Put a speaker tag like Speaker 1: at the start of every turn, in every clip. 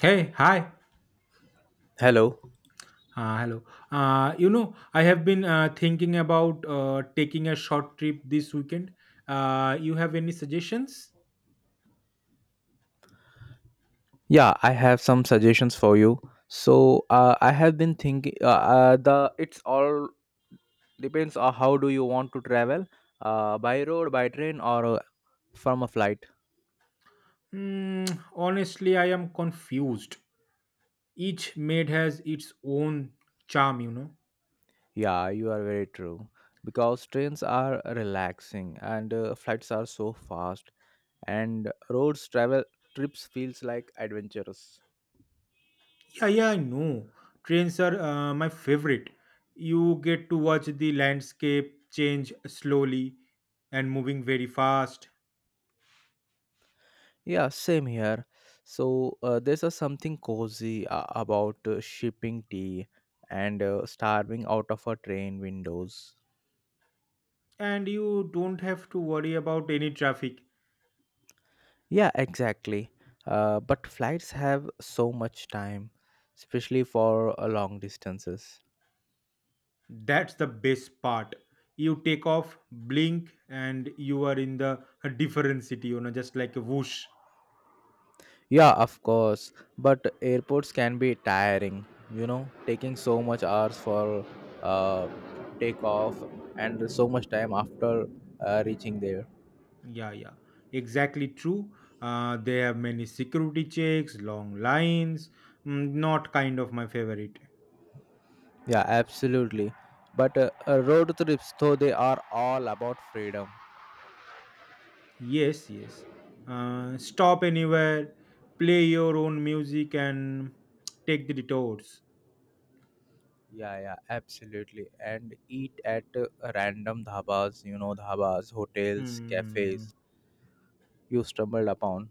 Speaker 1: Hey, hi.
Speaker 2: Hello.
Speaker 1: Hello. I have been thinking about taking a short trip this weekend. You have any suggestions?
Speaker 2: Yeah, I have some suggestions for you. So I have been thinking. The It's all depends on how do you want to travel, by road, by train, or from a flight.
Speaker 1: Mm, honestly, I am confused. Each maid has its own charm, you know.
Speaker 2: Yeah, you are very true. Because trains are relaxing and flights are so fast, and roads travel trips feels like adventurous.
Speaker 1: Yeah, yeah, I know. Trains are my favorite. You get to watch the landscape change slowly and moving very fast,
Speaker 2: Yeah, same here. So there's a something cozy about shipping tea and starving out of a train windows.
Speaker 1: and you don't have to worry about any traffic.
Speaker 2: Yeah, exactly. But flights have so much time, especially for long distances.
Speaker 1: That's the best part. You take off, blink, and you are in the a different city, you know, just like a whoosh.
Speaker 2: Yeah, of course. But airports can be tiring, taking so much hours for uh, takeoff and so much time after reaching there.
Speaker 1: Yeah, yeah. Exactly true. They have many security checks, long lines. Mm, not kind of my favorite.
Speaker 2: Yeah, absolutely. But road trips, though, they are all about freedom.
Speaker 1: Yes, yes. Stop anywhere, play your own music, and take the detours.
Speaker 2: Yeah, yeah, absolutely. And eat at random dhabas, dhabas, hotels,
Speaker 1: Hmm.
Speaker 2: cafes you stumbled upon.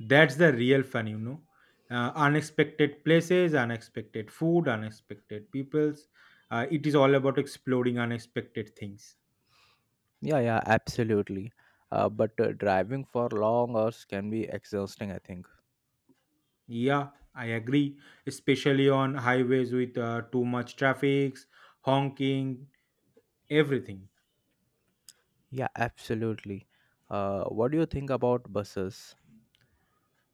Speaker 1: That's the real fun, you know. Unexpected places, unexpected food, unexpected peoples. It is all about exploring unexpected things.
Speaker 2: Yeah, yeah, absolutely. But driving for long hours can be exhausting, I think.
Speaker 1: Yeah, I agree. Especially on highways with too much traffic, honking, everything.
Speaker 2: Yeah, absolutely. What do you think about buses?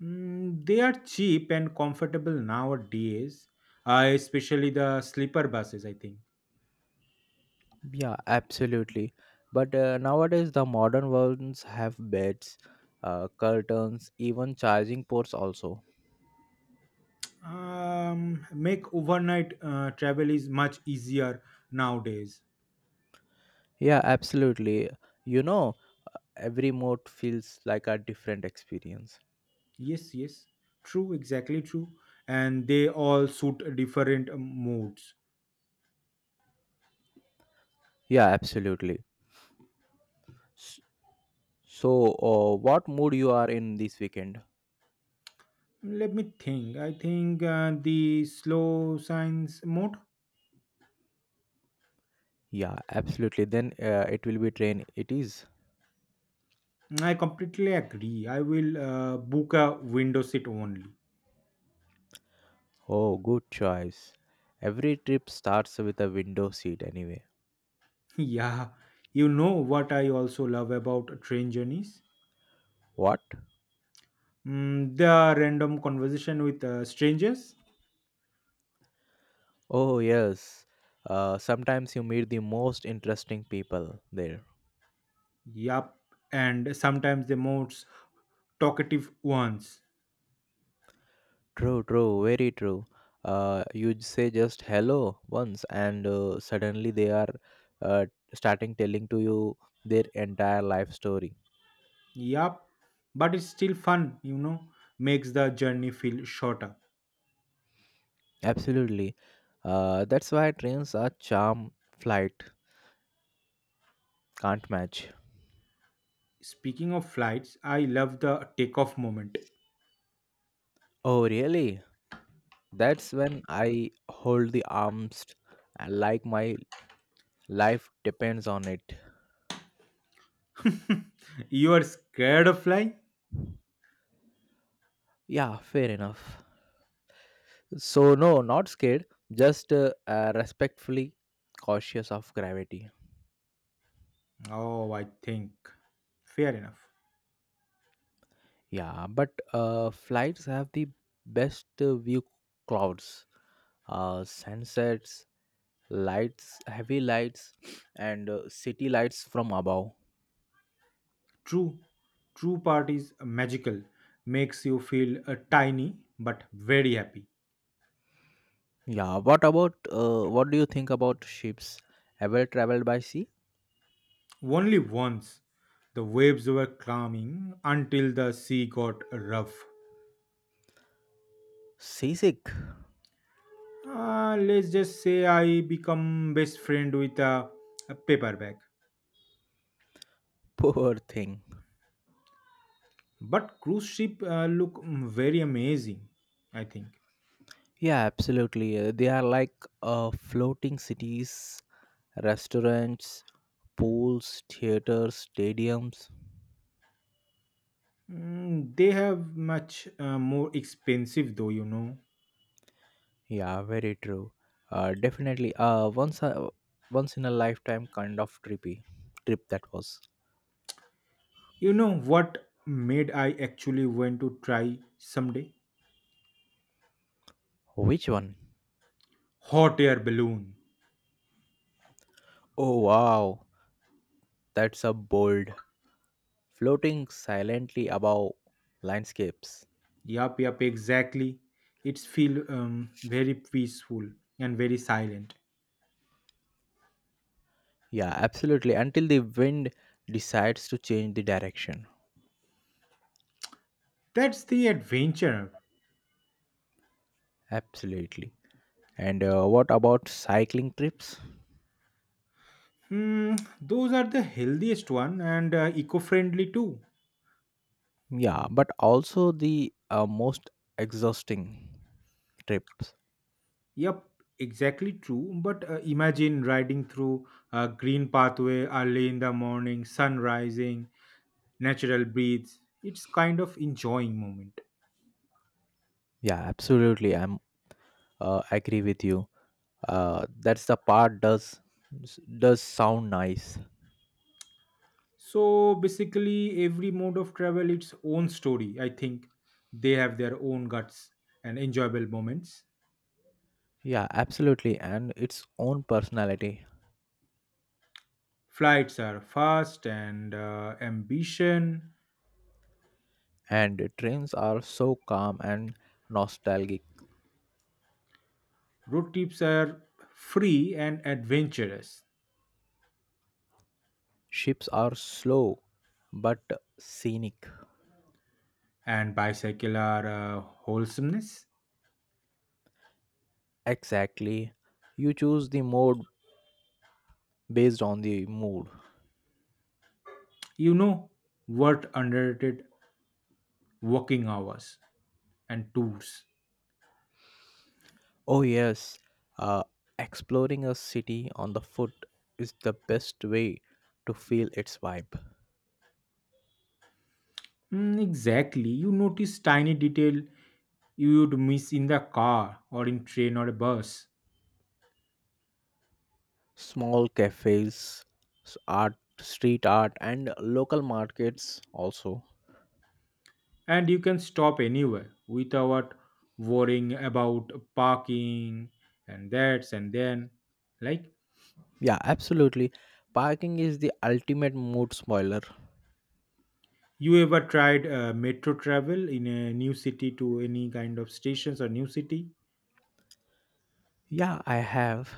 Speaker 1: Mm, they are cheap and comfortable nowadays, especially the sleeper buses, I think.
Speaker 2: Yeah, absolutely. But nowadays, the modern ones have beds, curtains, even charging ports also.
Speaker 1: Make overnight travel is much easier nowadays.
Speaker 2: Yeah, absolutely. You know, every mode feels like a different experience.
Speaker 1: Yes, yes. True, exactly true. And they all suit different moods.
Speaker 2: Yeah, absolutely. S- So, what mood you are in this weekend?
Speaker 1: Let me think. I think the slow science mode.
Speaker 2: Yeah, absolutely. Then it will be train. It is.
Speaker 1: I completely agree. I will book a window seat only.
Speaker 2: Oh, good choice. Every trip starts with a window seat anyway.
Speaker 1: yeah, you know what I also love about train journeys?
Speaker 2: What?
Speaker 1: Mm, the random conversation with strangers.
Speaker 2: Oh, yes. Sometimes you meet the most interesting people there.
Speaker 1: Yup, and sometimes the most talkative ones.
Speaker 2: True, true, very true. You say just hello once, and suddenly they are uh, starting telling to you their entire life story.
Speaker 1: Yup, but it's still fun, you know, makes the journey feel shorter.
Speaker 2: Absolutely. That's why trains are charm flight can't match.
Speaker 1: Speaking of flights, I love the takeoff moment.
Speaker 2: Oh, really? That's when I hold the arms like my life depends on it.
Speaker 1: You are scared of flying?
Speaker 2: Yeah, fair enough. So no, not scared, just respectfully cautious of gravity.
Speaker 1: Oh, I think. Fair enough.
Speaker 2: Yeah, but flights have the best view clouds, sunsets, lights, heavy lights, and city lights from above.
Speaker 1: True, true part is magical, makes you feel tiny but very happy.
Speaker 2: Yeah, what about what do you think about ships? Ever traveled by sea?
Speaker 1: Only once the waves were calming until the sea got rough.
Speaker 2: Seasick,
Speaker 1: Let's just say I become best friend with a paper bag.
Speaker 2: poor thing.
Speaker 1: But cruise ship look mm, very amazing I think.
Speaker 2: Yeah, absolutely. They are like floating cities restaurants, pools, theaters, stadiums.
Speaker 1: Mm, they have much more expensive though, you know.
Speaker 2: Yeah, very true. Definitely, once in a lifetime kind of trippy trip that was.
Speaker 1: You know what made I actually want to try someday?
Speaker 2: Which one?
Speaker 1: Hot air balloon.
Speaker 2: Oh wow, that's a bold floating silently above landscapes.
Speaker 1: Yup, yup, exactly. It's feel very peaceful and very silent.
Speaker 2: Yeah, absolutely. Until the wind decides to change the direction.
Speaker 1: That's the adventure.
Speaker 2: Absolutely. And what about cycling trips?
Speaker 1: Hmm, those are the healthiest one and eco-friendly too.
Speaker 2: Yeah, but also the most exhausting trips.
Speaker 1: Yep, exactly true. But imagine riding through a green pathway early in the morning, sun rising, natural breeze. It's kind of enjoying moment.
Speaker 2: Yeah, absolutely. I'm agree with you. That's the part does sound nice.
Speaker 1: So basically, every mode of travel its own story. I think they have their own guts and enjoyable moments.
Speaker 2: Yeah, absolutely. And its own personality.
Speaker 1: Flights are fast and ambition.
Speaker 2: And trains are so calm and nostalgic.
Speaker 1: Road trips are free and adventurous,
Speaker 2: Ships are slow but scenic.
Speaker 1: and bicycle are wholesomeness.
Speaker 2: Exactly, you choose the mode based on the mood.
Speaker 1: You know what underrated? Working hours and tours.
Speaker 2: Oh, yes. Uh, Exploring a city on the foot is the best way to feel its vibe.
Speaker 1: Mm, exactly. You notice tiny detail you would miss in the car or in train or a bus.
Speaker 2: Small cafes, art, street art, and local markets also.
Speaker 1: And you can stop anywhere without worrying about parking and that's and then. Like,
Speaker 2: Yeah, absolutely. Parking is the ultimate mood spoiler.
Speaker 1: you ever tried metro travel in a new city to any kind of stations or new city?
Speaker 2: Yeah, I have.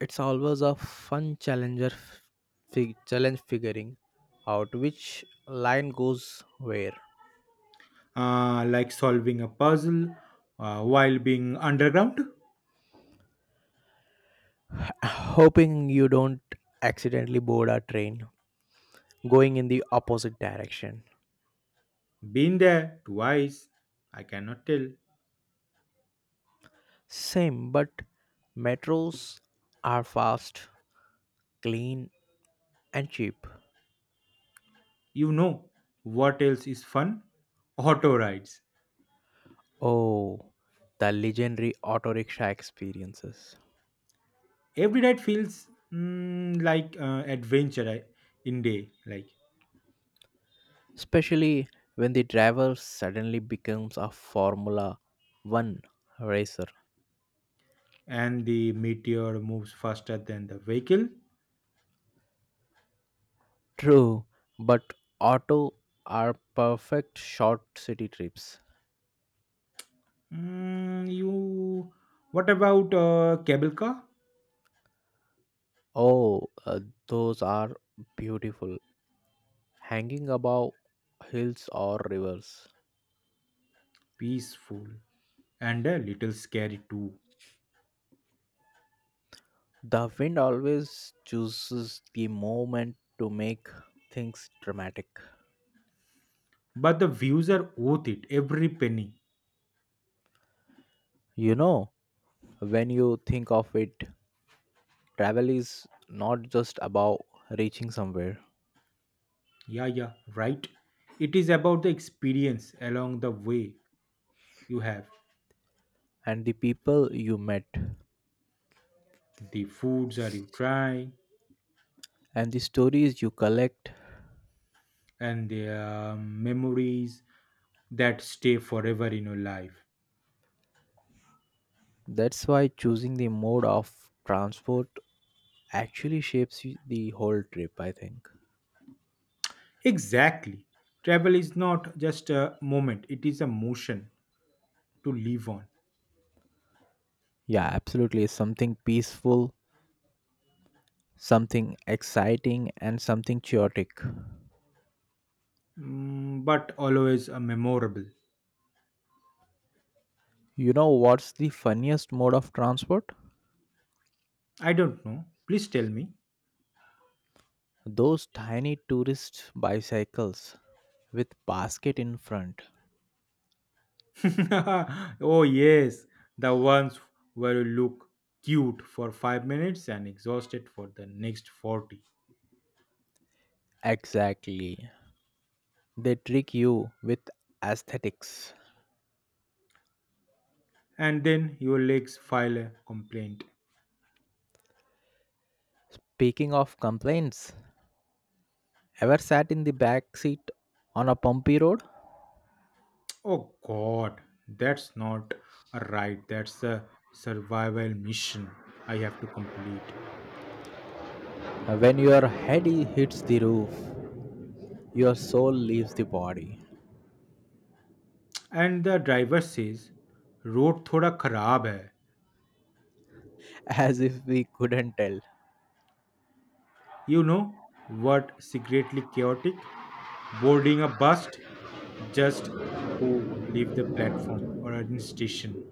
Speaker 2: It's always a fun challenge figuring out which line goes where.
Speaker 1: Like solving a puzzle while being underground?
Speaker 2: Hoping you don't accidentally board a train going in the opposite direction.
Speaker 1: Been there twice, I cannot tell.
Speaker 2: Same, but metros are fast, clean, and cheap.
Speaker 1: You know what else is fun? Auto rides.
Speaker 2: Oh, the legendary auto rickshaw experiences.
Speaker 1: Every ride feels mm, like adventure in day, like,
Speaker 2: Especially when the driver suddenly becomes a Formula 1 racer.
Speaker 1: and the meteor moves faster than the vehicle.
Speaker 2: True, but auto are perfect short city trips.
Speaker 1: Mm, you. What about cable car?
Speaker 2: Oh, those are beautiful. Hanging above hills or rivers.
Speaker 1: Peaceful and a little scary too.
Speaker 2: The wind always chooses the moment to make things dramatic.
Speaker 1: But the views are worth it, every penny.
Speaker 2: You know, when you think of it, travel is not just about reaching somewhere,
Speaker 1: Yeah, yeah, right. It is about the experience along the way. You have
Speaker 2: and the people you met,
Speaker 1: the foods that you try
Speaker 2: and the stories you collect.
Speaker 1: and the memories that stay forever in your life.
Speaker 2: That's why choosing the mode of transport actually shapes the whole trip, I think.
Speaker 1: Exactly. Travel is not just a moment, it is a motion to live on.
Speaker 2: Yeah, absolutely. Something peaceful, something exciting, and something chaotic.
Speaker 1: Mm, but always a memorable.
Speaker 2: You know what's the funniest mode of transport?
Speaker 1: I don't know. Please tell me.
Speaker 2: Those tiny tourist bicycles with basket in front.
Speaker 1: Oh, yes, the ones where you look cute for 5 minutes and exhausted for the next 40.
Speaker 2: Exactly. They trick you with aesthetics.
Speaker 1: And then your legs file a complaint.
Speaker 2: Speaking of complaints, ever sat in the back seat on a bumpy road?
Speaker 1: Oh God, that's not a ride. That's a survival mission I have to complete.
Speaker 2: When your head hits the roof, your soul leaves the body,
Speaker 1: And the driver says, "Road thoda खराब hai."
Speaker 2: as if we couldn't tell.
Speaker 1: You know what? Secretly chaotic. Boarding a bus, just who leave the platform or an station.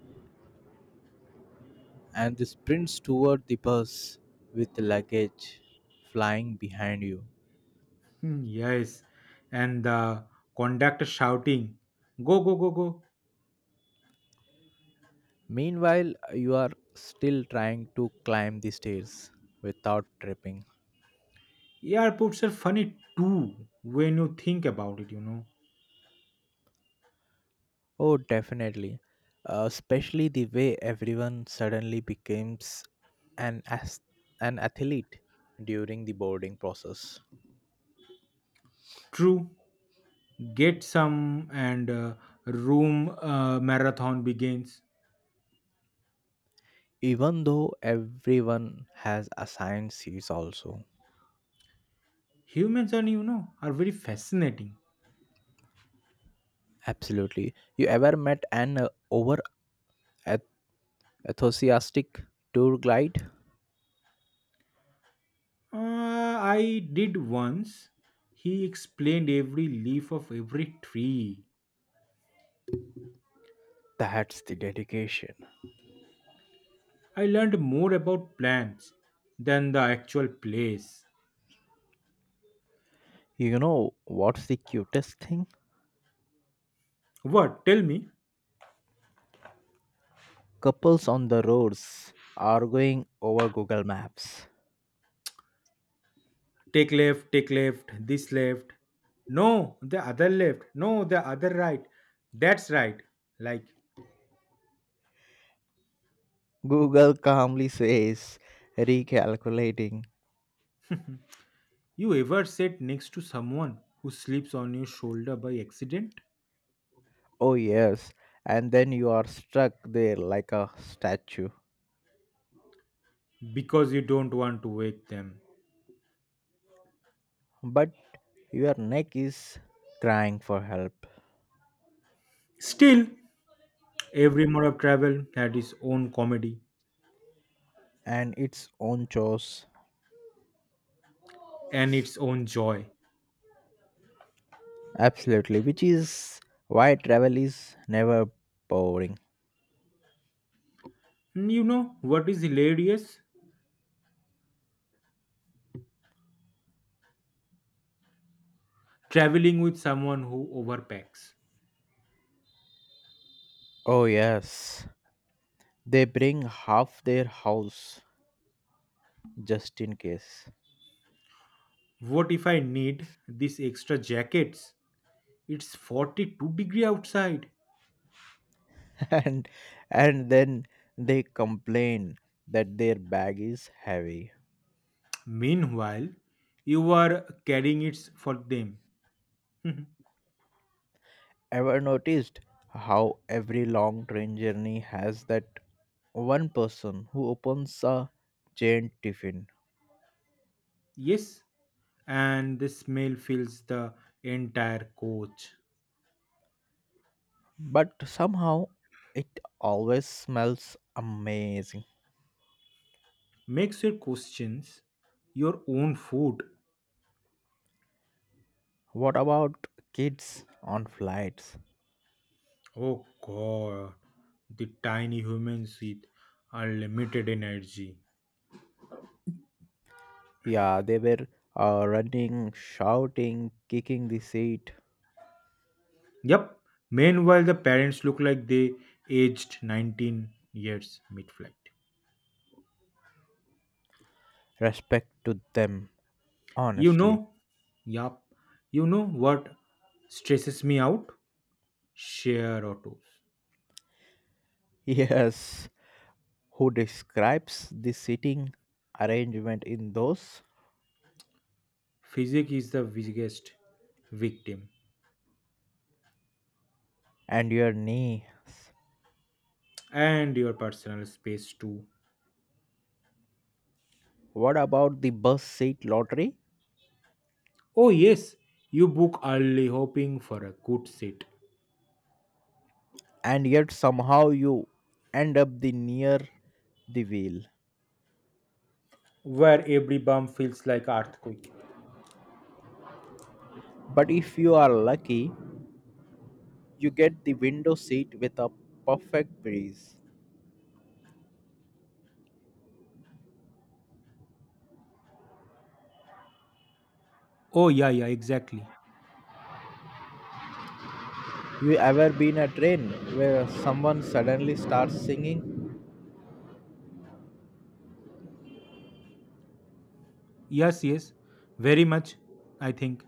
Speaker 2: And the sprints toward the bus with luggage flying behind you.
Speaker 1: Hmm, yes, and the conductor shouting, "Go go go go!"
Speaker 2: Meanwhile, you are still trying to climb the stairs without tripping.
Speaker 1: Airports are funny too when you think about it, you know.
Speaker 2: Oh, definitely. Especially the way everyone suddenly becomes an as- an athlete during the boarding process.
Speaker 1: True, get some and room marathon begins.
Speaker 2: Even though everyone has assigned seats also.
Speaker 1: Humans are, you know, are very fascinating.
Speaker 2: Absolutely. You ever met an over eth- enthusiastic tour guide?
Speaker 1: I did once. He explained every leaf of every tree.
Speaker 2: That's the dedication.
Speaker 1: I learned more about plants than the actual place.
Speaker 2: You know what's the cutest thing?
Speaker 1: What? Tell me.
Speaker 2: Couples on the roads arguing over Google Maps.
Speaker 1: Take left, take left, this left, no the other left, no the other right, that's right, like.
Speaker 2: Google calmly says, recalculating.
Speaker 1: You ever sat next to someone who sleeps on your shoulder by accident
Speaker 2: Oh, yes. And then you are stuck there like a statue.
Speaker 1: because you don't want to wake them?
Speaker 2: But your neck is crying for help
Speaker 1: Still, every mode of travel had its own comedy
Speaker 2: and its own chores.
Speaker 1: and its own joy.
Speaker 2: Absolutely. Which is why travel is never boring.
Speaker 1: And you know what is hilarious? Traveling with someone who overpacks.
Speaker 2: Oh, yes. They bring half their house just in case.
Speaker 1: What if I need these extra jackets? It's 42-degree outside.
Speaker 2: and and then they complain that their bag is heavy.
Speaker 1: Meanwhile, you are carrying it for them.
Speaker 2: Ever noticed how every long train journey has that one person who opens a giant tiffin,
Speaker 1: Yes, and the smell fills the entire coach.
Speaker 2: but somehow it always smells amazing.
Speaker 1: Makes your questions your own food.
Speaker 2: What about kids on flights?
Speaker 1: Oh god, the tiny humans with unlimited energy.
Speaker 2: Yeah, they were running, shouting, kicking the seat.
Speaker 1: Yep. Meanwhile, the parents look like they aged 19 years mid flight.
Speaker 2: Respect to them,
Speaker 1: You
Speaker 2: honestly.
Speaker 1: know, yup, you know what stresses me out? Share autos.
Speaker 2: Yes, who describes the seating arrangement in those
Speaker 1: Physics is the biggest victim.
Speaker 2: and your knees.
Speaker 1: And your personal space too.
Speaker 2: What about the bus seat lottery?
Speaker 1: Oh, yes, you book early hoping for a good seat
Speaker 2: And yet somehow you end up the near the wheel.
Speaker 1: where every bump feels like earthquake.
Speaker 2: But if you are lucky, you get the window seat with a perfect breeze.
Speaker 1: Oh, yeah, yeah, exactly.
Speaker 2: You ever been a train where someone suddenly starts singing?
Speaker 1: Yes, yes, very much, I think.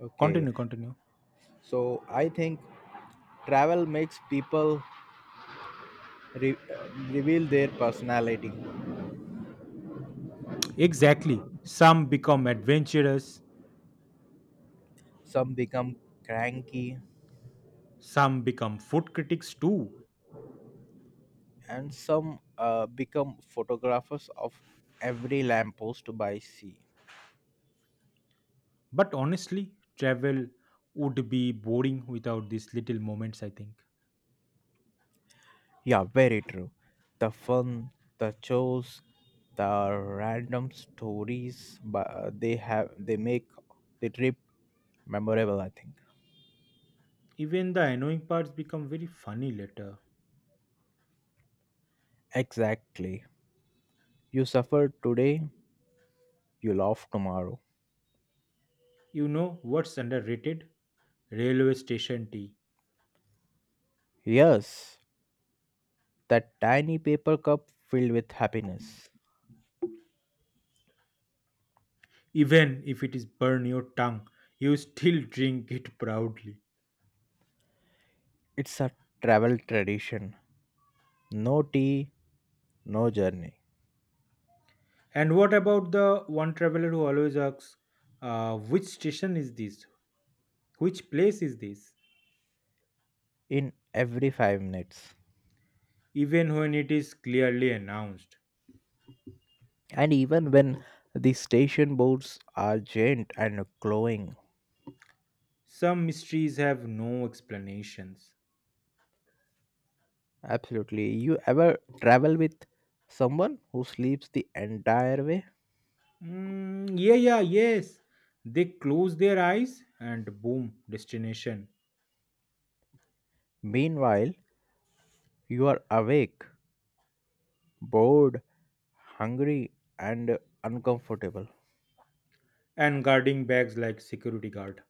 Speaker 2: Okay,
Speaker 1: Continue, continue.
Speaker 2: so I think travel makes people re- reveal their personality.
Speaker 1: Exactly. Some become adventurous,
Speaker 2: Some become cranky,
Speaker 1: some become food critics too.
Speaker 2: and some become photographers of every lamppost by sea.
Speaker 1: But honestly, travel would be boring without these little moments, I think.
Speaker 2: Yeah, very true. The fun, the chores, the random stories, but they make the trip memorable, I think.
Speaker 1: Even the annoying parts become very funny later.
Speaker 2: Exactly, you suffer today, you laugh tomorrow.
Speaker 1: You know what's underrated? Railway station tea.
Speaker 2: Yes, that tiny paper cup filled with happiness.
Speaker 1: Even if it is burn your tongue, you still drink it proudly.
Speaker 2: It's a travel tradition, no tea, no journey
Speaker 1: And what about the one traveler who always asks, which station is this? Which place is this?
Speaker 2: in every 5 minutes.
Speaker 1: Even when it is clearly announced.
Speaker 2: And even when the station boards are giant and glowing,
Speaker 1: Some mysteries have no explanations.
Speaker 2: absolutely. You ever travel with someone who sleeps the entire way?
Speaker 1: Mm, yeah, yeah, yes. They close their eyes and boom, destination.
Speaker 2: Meanwhile, you are awake, bored, hungry, and uncomfortable.
Speaker 1: And guarding bags like security guard.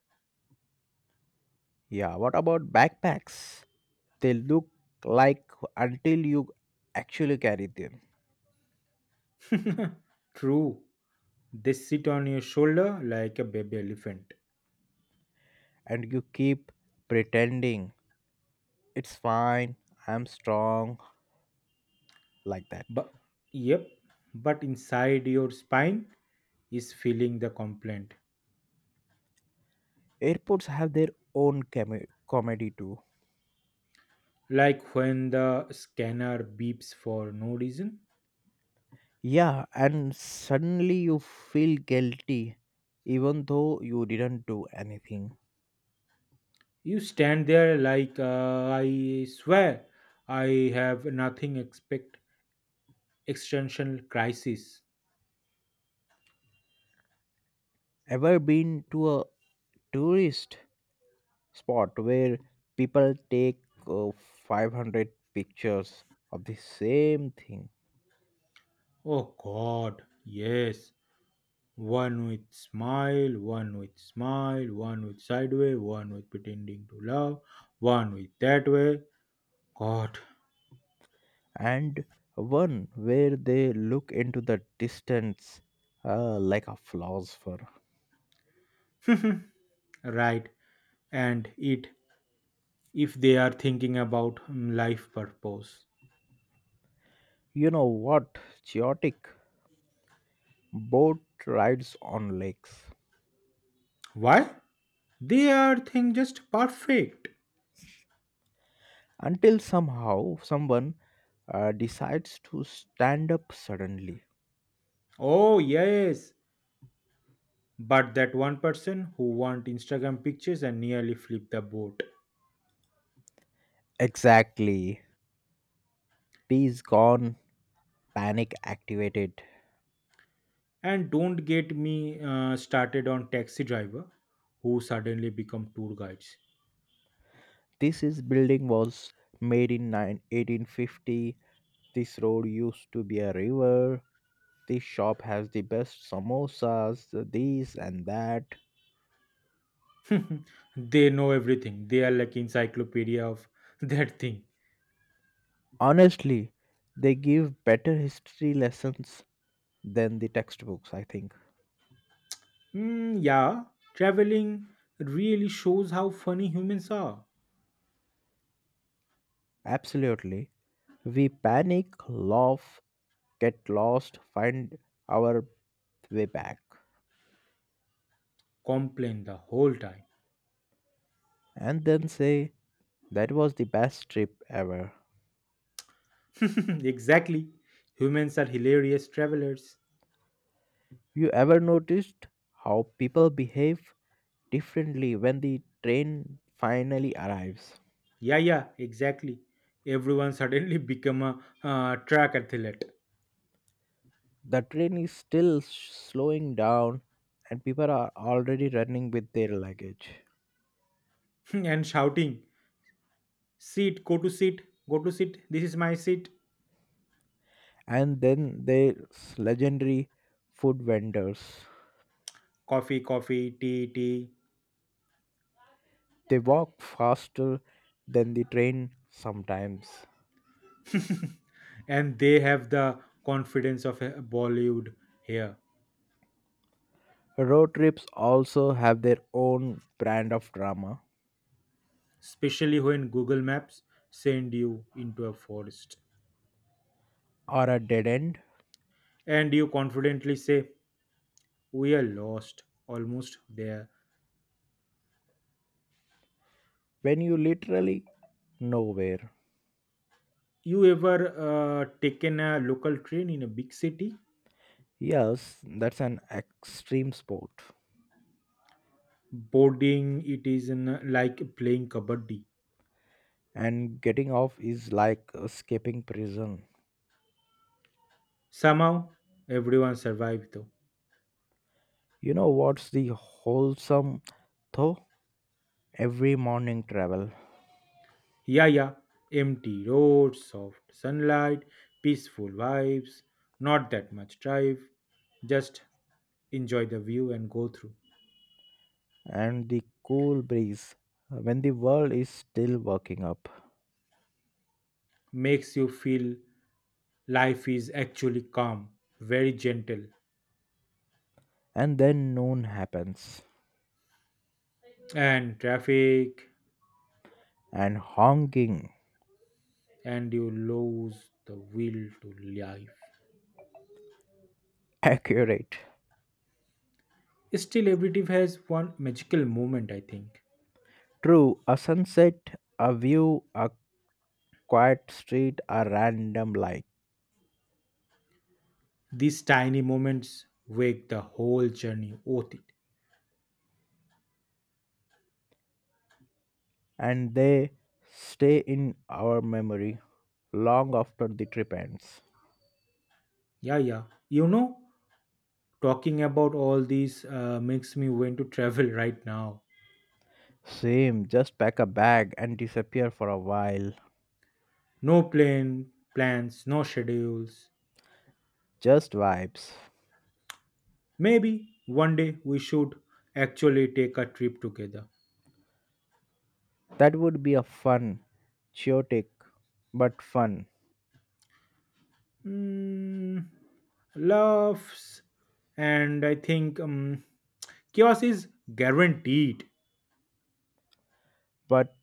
Speaker 2: Yeah, what about backpacks? They look like until you actually carry them,
Speaker 1: True. They sit on your shoulder like a baby elephant.
Speaker 2: and you keep pretending it's fine, I'm strong, like that.
Speaker 1: But yep, but inside your spine is feeling the complaint.
Speaker 2: Airports have their own comedy too.
Speaker 1: Like when the scanner beeps for no reason.
Speaker 2: Yeah, and suddenly you feel guilty even though you didn't do anything.
Speaker 1: You stand there like I swear I have nothing expect existential crisis.
Speaker 2: Ever been to a tourist spot where people take 500 pictures of the same thing,
Speaker 1: Oh god, yes. One with smile, one with smile, one with sideway, one with pretending to love, one with that way, God,
Speaker 2: and one where they look into the distance like a philosopher?
Speaker 1: right. And it if they are thinking about mm, life purpose.
Speaker 2: You know what? Chaotic boat rides on lakes,
Speaker 1: Why? They are think just perfect.
Speaker 2: until somehow someone decides to stand up suddenly.
Speaker 1: Oh yes. But that one person who want Instagram pictures and nearly flip the boat.
Speaker 2: Exactly. Peace gone, panic activated.
Speaker 1: And don't get me started on taxi driver who suddenly become tour guides.
Speaker 2: This is building was made in nine 1850. This road used to be a river. This shop has the best samosas, this and that.
Speaker 1: They know everything. They are like encyclopedia of that thing.
Speaker 2: Honestly, they give better history lessons than the textbooks, I think.
Speaker 1: Hmm. Yeah, traveling really shows how funny humans are.
Speaker 2: Absolutely. We panic, laugh, get lost, find our way back,
Speaker 1: Complain the whole time.
Speaker 2: and then say, "That was the best trip ever."
Speaker 1: Exactly. Humans are hilarious travelers.
Speaker 2: You ever noticed how people behave differently when the train finally arrives?
Speaker 1: Yeah, yeah, exactly. Everyone suddenly become a track athlete.
Speaker 2: The train is still slowing down, and people are already running with their luggage.
Speaker 1: And shouting, "Seat, go to seat, go to seat. This is my seat.
Speaker 2: And then there's legendary food vendors.
Speaker 1: Coffee, coffee, tea, tea."
Speaker 2: They walk faster than the train sometimes.
Speaker 1: And they have the confidence of a Bollywood here,
Speaker 2: Road trips also have their own brand of drama,
Speaker 1: especially when Google Maps send you into a forest.
Speaker 2: or a dead end
Speaker 1: And you confidently say we are lost almost there.
Speaker 2: when you literally nowhere.
Speaker 1: You ever taken a local train in a big city?
Speaker 2: Yes, that's an extreme sport.
Speaker 1: Boarding it is in, like playing kabaddi.
Speaker 2: And getting off is like escaping prison.
Speaker 1: Somehow everyone survived though.
Speaker 2: You know what's the wholesome though? Every morning travel
Speaker 1: Yeah, yeah, empty roads, soft sunlight, peaceful vibes, not that much drive, just enjoy the view and go through.
Speaker 2: and the cool breeze when the world is still waking up.
Speaker 1: Makes you feel life is actually calm, very gentle.
Speaker 2: And then noon happens,
Speaker 1: And traffic,
Speaker 2: and honking.
Speaker 1: and you lose the will to live.
Speaker 2: Accurate.
Speaker 1: Still, every trip has one magical moment, I think.
Speaker 2: True, a sunset, a view, a quiet street, a random light,
Speaker 1: These tiny moments make the whole journey worth it.
Speaker 2: and they stay in our memory long after the trip ends.
Speaker 1: Yeah, yeah. You know, talking about all these makes me want to travel right now.
Speaker 2: Same, just pack a bag and disappear for a while.
Speaker 1: No plan, plans, no schedules.
Speaker 2: Just vibes.
Speaker 1: Maybe one day we should actually take a trip together.
Speaker 2: That would be a fun, chaotic, but fun.
Speaker 1: Mm, loves, and I think chaos is guaranteed.
Speaker 2: But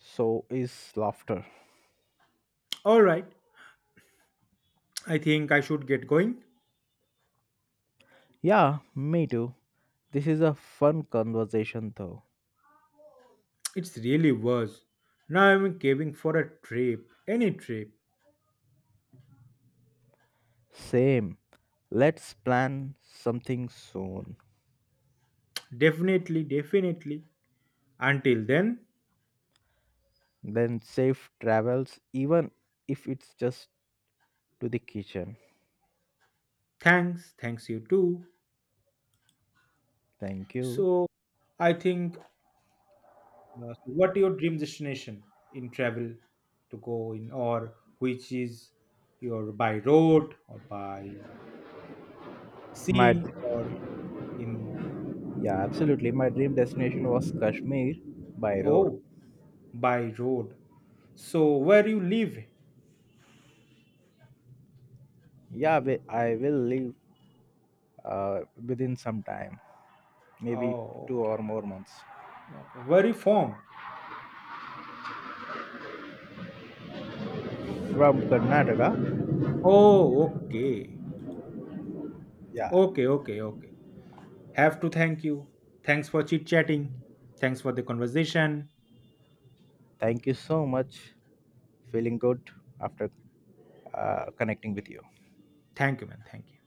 Speaker 2: so is laughter.
Speaker 1: All right, I think I should get going.
Speaker 2: Yeah, me too. This is a fun conversation though.
Speaker 1: It's really worse. Now I'm caving for a trip, any trip.
Speaker 2: Same. Let's plan something soon.
Speaker 1: Definitely, definitely. Until then,
Speaker 2: Then safe travels, even if it's just to the kitchen.
Speaker 1: thanks, thanks you too.
Speaker 2: Thank you.
Speaker 1: So, I think so what your dream destination in travel to go in, or which is your by road or by
Speaker 2: My
Speaker 1: sea or in?
Speaker 2: Yeah, absolutely. My dream destination was Kashmir by
Speaker 1: Oh,
Speaker 2: road.
Speaker 1: by road. So where you live?
Speaker 2: Yeah, I will leave uh, within some time, maybe
Speaker 1: Oh
Speaker 2: two or
Speaker 1: okay.
Speaker 2: more months
Speaker 1: Okay, where you from?
Speaker 2: from Karnataka.
Speaker 1: Oh okay.
Speaker 2: Yeah,
Speaker 1: Okay okay okay Have to thank you. Thanks for chit chatting. Thanks for the conversation.
Speaker 2: thank you so much. Feeling good after connecting with you.
Speaker 1: Thank you man, thank you.